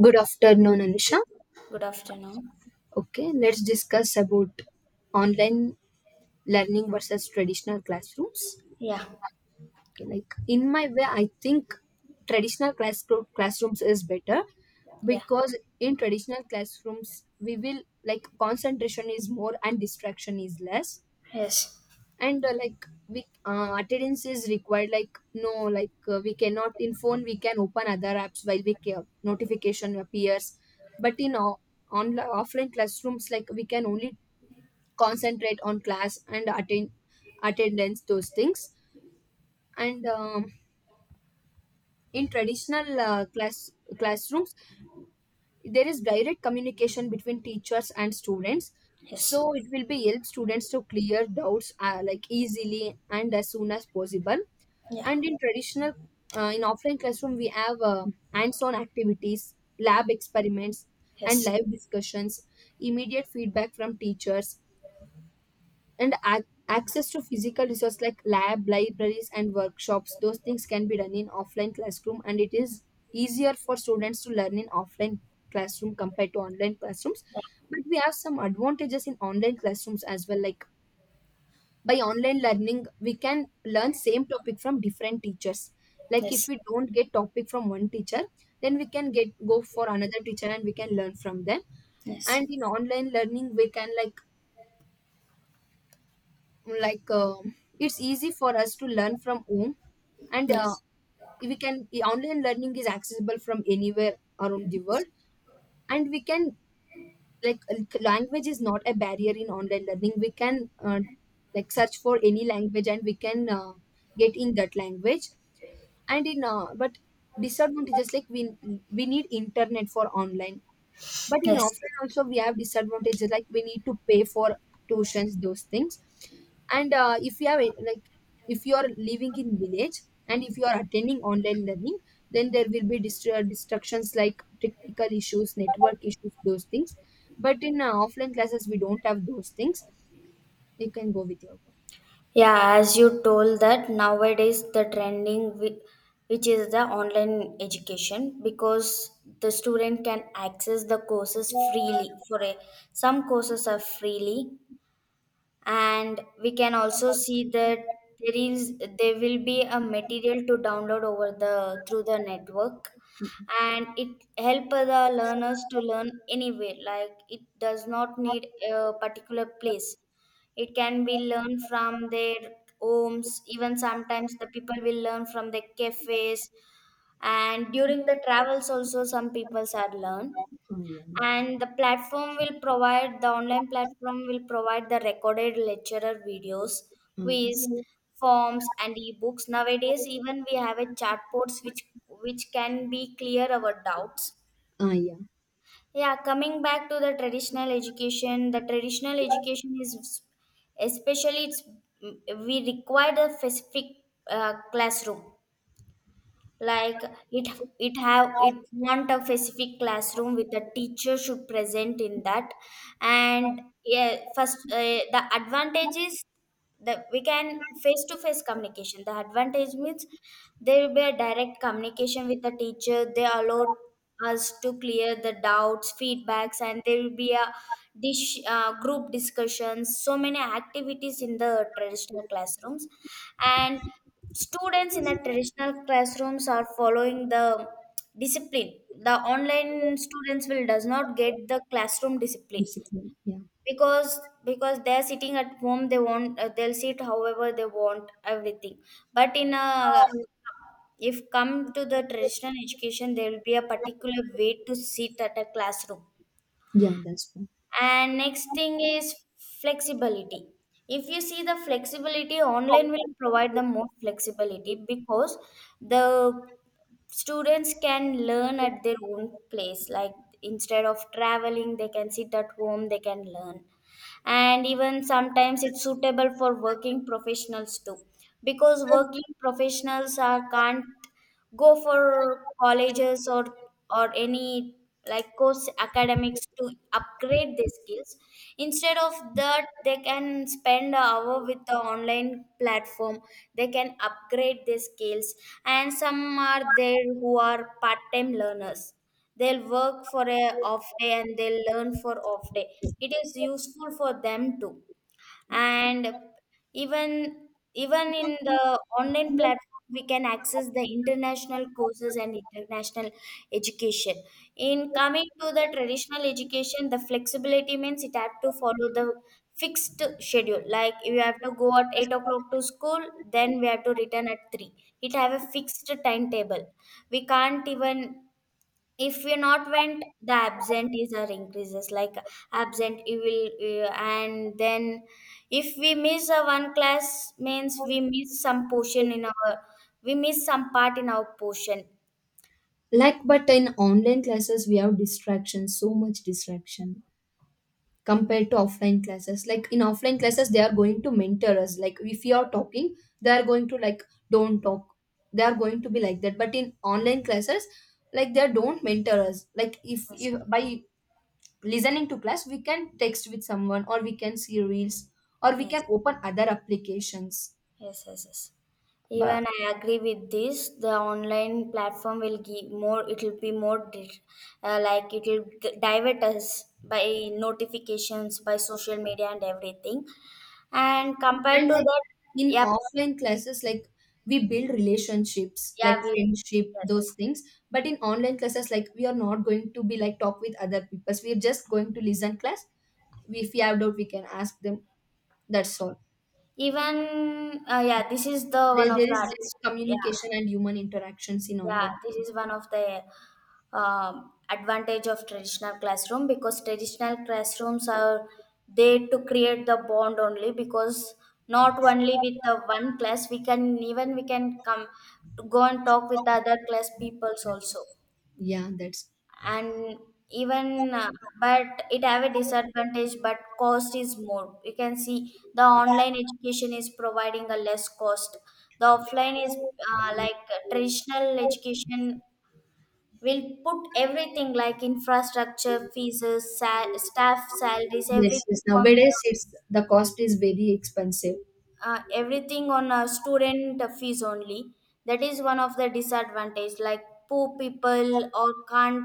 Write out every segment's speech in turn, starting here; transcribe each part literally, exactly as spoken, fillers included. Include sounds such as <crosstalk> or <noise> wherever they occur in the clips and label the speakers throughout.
Speaker 1: Good afternoon, Anusha.
Speaker 2: Good afternoon.
Speaker 1: Okay, let's discuss about online learning versus traditional classrooms.
Speaker 2: Yeah,
Speaker 1: Okay, like in my way, I think traditional class classrooms is better
Speaker 2: yeah,
Speaker 1: because in traditional classrooms we will like concentration is more and distraction is less
Speaker 2: yes,
Speaker 1: and uh, like we uh, attendance is required like no like uh, we cannot in phone we can open other apps while we care notification appears but in o- online offline classrooms like we can only concentrate on class and attend attendance those things and um, in traditional uh, class classrooms there is direct communication between teachers and students
Speaker 2: yes,
Speaker 1: so it will be help students to clear doubts uh, like easily and as soon as possible
Speaker 2: yeah,
Speaker 1: and in traditional uh, in offline classroom we have uh, hands-on activities lab experiments and
Speaker 2: yes,
Speaker 1: live discussions immediate feedback from teachers and ac- access to physical resources like lab libraries and workshops those things can be done in offline classroom and it is easier for students to learn in offline classroom compared to online classrooms
Speaker 2: yeah,
Speaker 1: but we have some advantages in online classrooms as well like by online learning we can learn same topic from different teachers like if
Speaker 2: yes,
Speaker 1: we don't get topic from one teacher then we can get go for another teacher and we can learn from them
Speaker 2: yes,
Speaker 1: and in online learning we can like like um it's easy for us to learn from home and uh,
Speaker 2: yes,
Speaker 1: we can online learning is accessible from anywhere around the world and we can like like, language is not a barrier in online learning we can uh, like search for any language and we can uh, get in that language and in uh, but disadvantages like we we need internet for online but in
Speaker 2: yes.
Speaker 1: offline also we have disadvantages like we need to pay for tuitions those things and uh, if you have a- like if you are living in village and if you are attending online learning then there will be dist- uh, distractions like technical issues network issues those things but in uh, offline classes we don't have those things you can go with your point.
Speaker 2: Yeah, as you told that nowadays the trending whi- which is the online education because the student can access the courses freely. For a, some courses are freely and we can also see that there is there will be a material to download over the through the network and it help the learners to learn anywhere, like it does not need a particular place, it can be learned from their homes. Even sometimes the people will learn from the cafes and during the travels also some peoples are learned.
Speaker 1: Ah, yeah, that's
Speaker 2: And the platform will provide, the online platform will provide the recorded lecturer videos,
Speaker 1: uh,
Speaker 2: quiz, forms, and ebooks. Nowadays, even we have a chatbots which which can be clear our doubts.
Speaker 1: ah, yeah,
Speaker 2: Yeah, coming back to the traditional education, the traditional education is, especially it's, we require a specific uh, classroom, like it it have it want a specific classroom with a teacher should present in that. And yeah, first uh, the advantage is that we can face to face communication. The advantage means there will be a direct communication with the teacher, they allow us to clear the doubts, feedbacks, and there will be a dish uh, group discussions, so many activities in the traditional classrooms. And students in the traditional classrooms are following the discipline. The online students will does not get the classroom discipline
Speaker 1: basically. Yeah,
Speaker 2: because because they are sitting at home. They want uh, they'll sit however they want everything. But in a, if come to the traditional education, there will be a particular way to sit at a classroom.
Speaker 1: yeah, that's fine.
Speaker 2: And next thing is flexibility. If you see the flexibility, online will provide the more flexibility because the students can learn at their own place. Like, instead of traveling, they can sit at home, they can learn. And even sometimes it's suitable for working professionals too, because working professionals are can't go for colleges or or any like course academics to upgrade their skills. Instead of that they can spend an hour with the online platform, they can upgrade their skills. And some are there who are part-time learners, they'll work for a off day and they'll learn for off day, it is useful for them too. And even even in the online platform we can access the international courses and international education. In coming to the traditional education, the flexibility means it have to follow the fixed schedule, like you have to go at eight o'clock to school, then we have to return at three. It have a fixed timetable, we can't even, if we're not went, the absentees are increases, like absent you will uh, and then if we miss a one class means we miss some portion in our, we miss some part in our portion.
Speaker 1: Like but in online classes we have distractions so much distraction compared to offline classes like in offline classes they are going to mentor us like if you are talking they are going to like don't talk they are going to be like that but in online classes like they don't mentor us like if,
Speaker 2: Yes,
Speaker 1: if by listening to class we can text with someone or we can see reels or we can
Speaker 2: yes,
Speaker 1: open other applications
Speaker 2: yes, yes, yes.
Speaker 1: but
Speaker 2: Even I agree with this, the online platform will give more, it will be more di- uh, like it will d- divert us by notifications, by social media and everything. And compared
Speaker 1: and
Speaker 2: to
Speaker 1: like
Speaker 2: that,
Speaker 1: in
Speaker 2: yeah.
Speaker 1: offline classes, like we build relationships,
Speaker 2: Yeah,
Speaker 1: like
Speaker 2: we,
Speaker 1: friendship,
Speaker 2: yes.
Speaker 1: those things. But in online classes, like we are not going to be like talk with other people. We are just going to listen class. If we have doubt, we can ask them. That's all.
Speaker 2: Even uh, yeah, this is the one
Speaker 1: There,
Speaker 2: of
Speaker 1: there is
Speaker 2: the,
Speaker 1: less
Speaker 2: yeah,
Speaker 1: communication and human interactions in
Speaker 2: yeah,
Speaker 1: online.
Speaker 2: this is one of the um, advantage of traditional classroom, because traditional classrooms are there to create the bond only, because not only with the one class, we can even, we can come to go and talk with the other class peoples also.
Speaker 1: Yeah, that's
Speaker 2: And even uh, but it have a disadvantage, but cost is more. You can see the online education is providing a less cost. The offline is uh, like uh, traditional education will put everything like infrastructure fees, sa- staff salaries,
Speaker 1: yes, yes.
Speaker 2: everything on
Speaker 1: Nowadays,
Speaker 2: the,
Speaker 1: it's the cost is very expensive.
Speaker 2: uh, everything on a student fees only. That is one of the disadvantage, like poor people or can't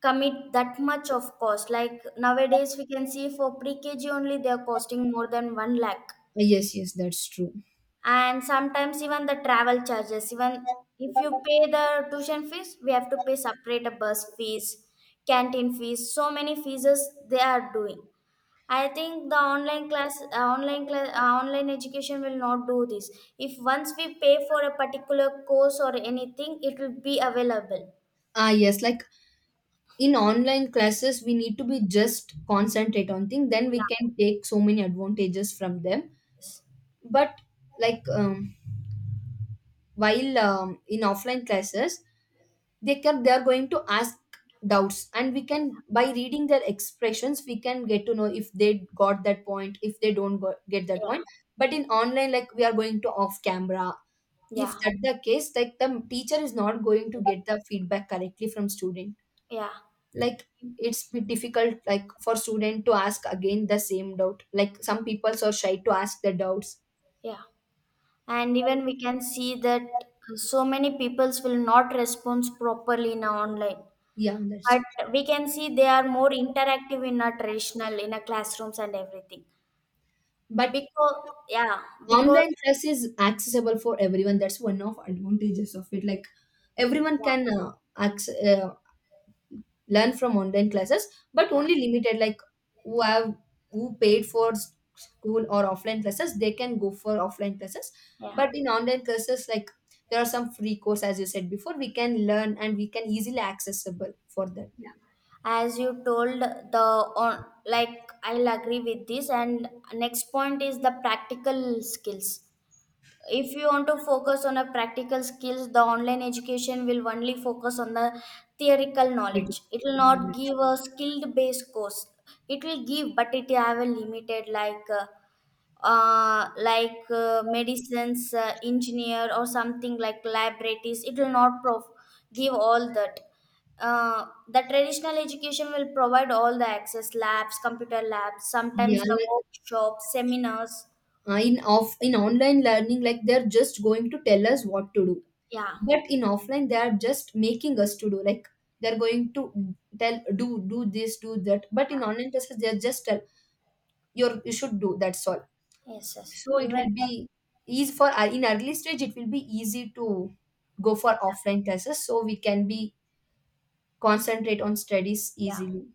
Speaker 2: commit that much of cost. Like nowadays we can see for pre-kg only they are costing more than one lakh.
Speaker 1: Yes, yes, that's true.
Speaker 2: And sometimes even the travel charges, even if you pay the tuition fees, we have to pay separate a bus fees, canteen fees, so many fees they are doing. I think the online class, uh, online class, uh, online education will not do this. If once we pay for a particular course or anything, it will be available.
Speaker 1: Ah, yes, like in online classes we need to be just concentrate on thing then we
Speaker 2: Yeah,
Speaker 1: can take so many advantages from them
Speaker 2: yes.
Speaker 1: but like um, while um, in offline classes they can they are going to ask doubts and we can by reading their expressions we can get to know if they got that point if they don't go, get that point
Speaker 2: Yeah,
Speaker 1: but in online like we are going to off camera if
Speaker 2: yeah,
Speaker 1: that the case like the teacher is not going to get the feedback correctly from student
Speaker 2: yeah,
Speaker 1: like it's bit difficult like for student to ask again the same doubt like some people are shy to ask the doubts.
Speaker 2: yeah. And even we can see that so many peoples will not respond properly in a online,
Speaker 1: Yeah, that's
Speaker 2: but we can see they are more interactive in a traditional, in a classrooms and everything.
Speaker 1: but
Speaker 2: Because, yeah, because,
Speaker 1: online class is accessible for everyone that's one of advantages of it like everyone can uh, access, uh, learn from online classes but
Speaker 2: yeah,
Speaker 1: only limited like who have who paid for s- school or offline classes they can go for offline classes
Speaker 2: yeah, yeah.
Speaker 1: but in online classes like there are some free course as you said before we can learn and we can easily accessible for that.
Speaker 2: As you told, the on like I'll agree with this. And next point is the practical skills. If you want to focus on a practical skills, the online education will only focus on the theoretical knowledge, it will
Speaker 1: Ah,
Speaker 2: not
Speaker 1: yes.
Speaker 2: give a skilled based course. It will give, but it have a limited, like uh, uh, like uh, medicines, uh, engineer or something like laboratories, it will not prof- give all that. Uh, the traditional education will provide all the access, labs, computer labs,
Speaker 1: Yeah,
Speaker 2: sometimes the
Speaker 1: like
Speaker 2: workshops, seminars.
Speaker 1: uh, in off in online learning like they're just going to tell us what to do
Speaker 2: Yeah.
Speaker 1: but in offline they are just making us to do like they're going to tell do do this do that but in online classes they're just tell. You're you should do that's all
Speaker 2: Yes, yes.
Speaker 1: so it will
Speaker 2: Even,
Speaker 1: be easy for uh, in early stage it will be easy to go for offline classes so we can be concentrate on studies
Speaker 2: yeah.
Speaker 1: easily.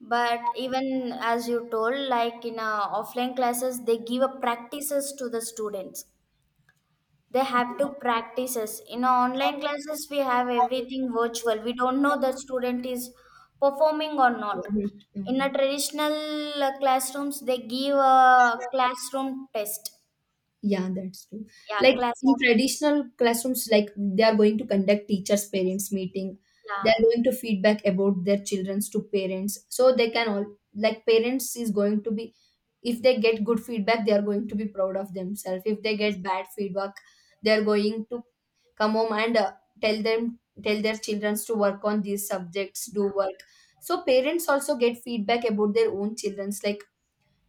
Speaker 2: But even as you told, like in uh, offline classes, they give a practices to the students. They have to practices. In uh, online classes, we have everything virtual. We don't know the student is performing or not. In a
Speaker 1: Mhm.
Speaker 2: traditional uh, classrooms, they give a classroom test.
Speaker 1: Yeah, that's true.
Speaker 2: Yeah,
Speaker 1: Like in
Speaker 2: classroom.
Speaker 1: traditional classrooms like they are going to conduct teachers parents meeting they
Speaker 2: Yeah.
Speaker 1: are going to feedback about their children's to parents so they can all like parents is going to be if they get good feedback they are going to be proud of themselves if they get bad feedback they are going to come home and uh, tell them tell their children to work on these subjects do work so parents also get feedback about their own children's like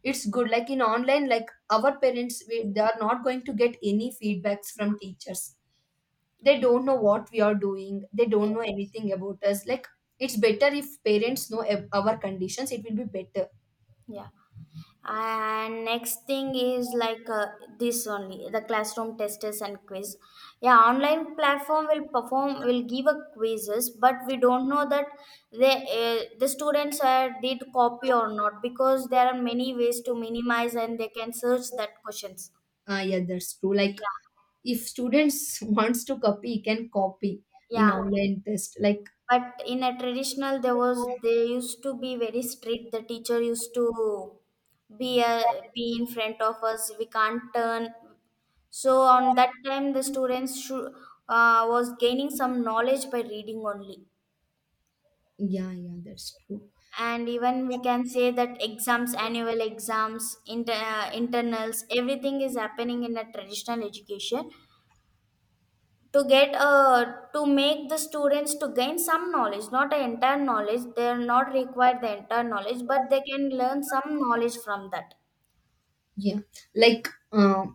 Speaker 1: it's good like in online like our parents we, they are not going to get any feedbacks from teachers they don't know what we are doing they don't know
Speaker 2: Yes.
Speaker 1: anything about us like it's better if parents know ab- our conditions it will be better.
Speaker 2: Yeah. And next thing is like, uh, this only the classroom testers and quiz. Yeah, online platform will perform, will give a quizzes, but we don't know that they, uh, the students uh, did copy or not, because there are many ways to minimize and they can search that questions.
Speaker 1: uh, yeah, that's true. Like
Speaker 2: Yeah,
Speaker 1: if students <laughs> wants to copy he can copy in
Speaker 2: yeah.
Speaker 1: online test like
Speaker 2: But in a traditional, there was they used to be very strict. The teacher used to be a, be in front of us. We can't turn. So on that time, the students should, uh, was gaining some knowledge by reading only.
Speaker 1: yeah yeah that's true.
Speaker 2: And even we can say that exams, annual exams, inter, uh, internals, everything is happening in a traditional education. To get uh, to make the students to gain some knowledge, not an entire knowledge, they are not required the entire knowledge, but they can learn some knowledge from that.
Speaker 1: Yeah, like uh,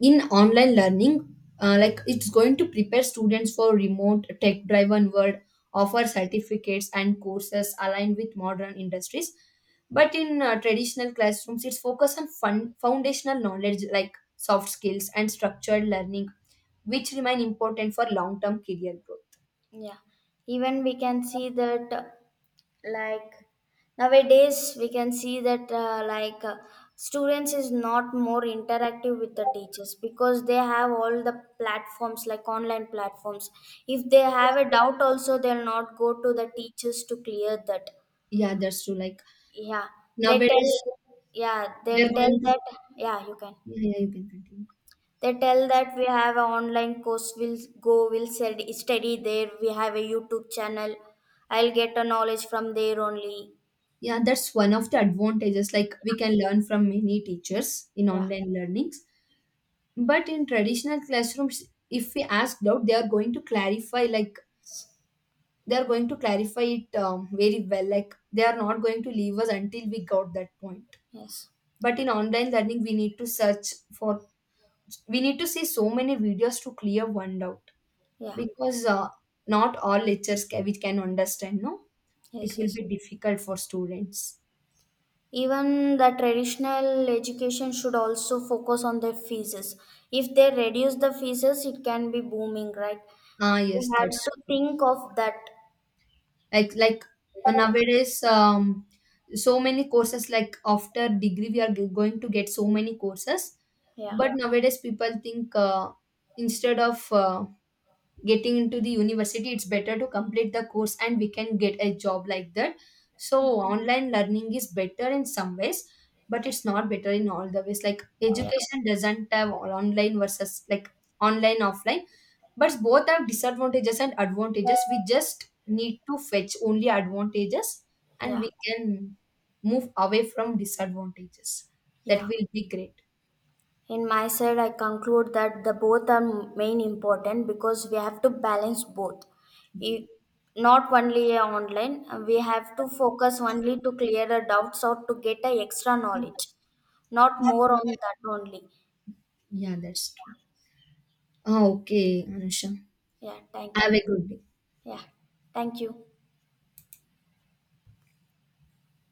Speaker 1: in online learning uh, like it's going to prepare students for remote tech driven world offer certificates and courses aligned with modern industries but in uh, traditional classrooms it's focused on fun- foundational knowledge like soft skills and structured learning which remain important for long term career growth.
Speaker 2: Yeah, even we can see that uh, like nowadays we can see that uh, like uh, students is not more interactive with the teachers, because they have all the platforms like online platforms. If they have a doubt also, they'll not go to the teachers to clear that.
Speaker 1: Yeah, that's true. Like
Speaker 2: Yeah, they
Speaker 1: nowadays
Speaker 2: tell, yeah, they'll
Speaker 1: they're going
Speaker 2: tell
Speaker 1: to
Speaker 2: that, yeah, you can.
Speaker 1: yeah, yeah, you can continue.
Speaker 2: They tell that we have an online course, we'll go, we'll stud- study there, we have a YouTube channel, I'll get a knowledge from there only.
Speaker 1: Yeah, that's one of the advantages. Like we can learn from many teachers in
Speaker 2: Yeah,
Speaker 1: online learnings. But in traditional classrooms, if we ask out, they are going to clarify, like they are going to clarify it um, very well. Like they are not going to leave us until we got that point.
Speaker 2: yes,
Speaker 1: But in online learning, we need to search for, we need to see so many videos to clear one doubt
Speaker 2: yeah,
Speaker 1: because uh, not all lectures can, we can understand, no? It
Speaker 2: yes,
Speaker 1: will
Speaker 2: yes.
Speaker 1: be difficult for students.
Speaker 2: Even the traditional education should also focus on their fees. If they reduce the fees, it can be booming, right?
Speaker 1: Ah,
Speaker 2: We
Speaker 1: yes, that's
Speaker 2: have to think of that.
Speaker 1: like like uh, nowadays um, so many courses like after degree we are g- going to get so many courses
Speaker 2: Yeah,
Speaker 1: but nowadays people think uh, instead of uh, getting into the university it's better to complete the course and we can get a job like that so online learning is better in some ways but it's not better in all the ways like
Speaker 2: yeah,
Speaker 1: education doesn't have all online versus like online offline but both have disadvantages and advantages we just need to fetch only advantages
Speaker 2: yeah,
Speaker 1: and
Speaker 2: yeah.
Speaker 1: we can move away from disadvantages that
Speaker 2: Yeah.
Speaker 1: will be great.
Speaker 2: In my side I conclude that the both are main important, because we have to balance both. If not only a online, we have to focus only to clear the doubts or to get a extra knowledge, not more on that only.
Speaker 1: Yeah, that's true. Ah, okay, Anusha,
Speaker 2: Yeah, thank
Speaker 1: have
Speaker 2: you.
Speaker 1: a good day.
Speaker 2: Yeah, thank you.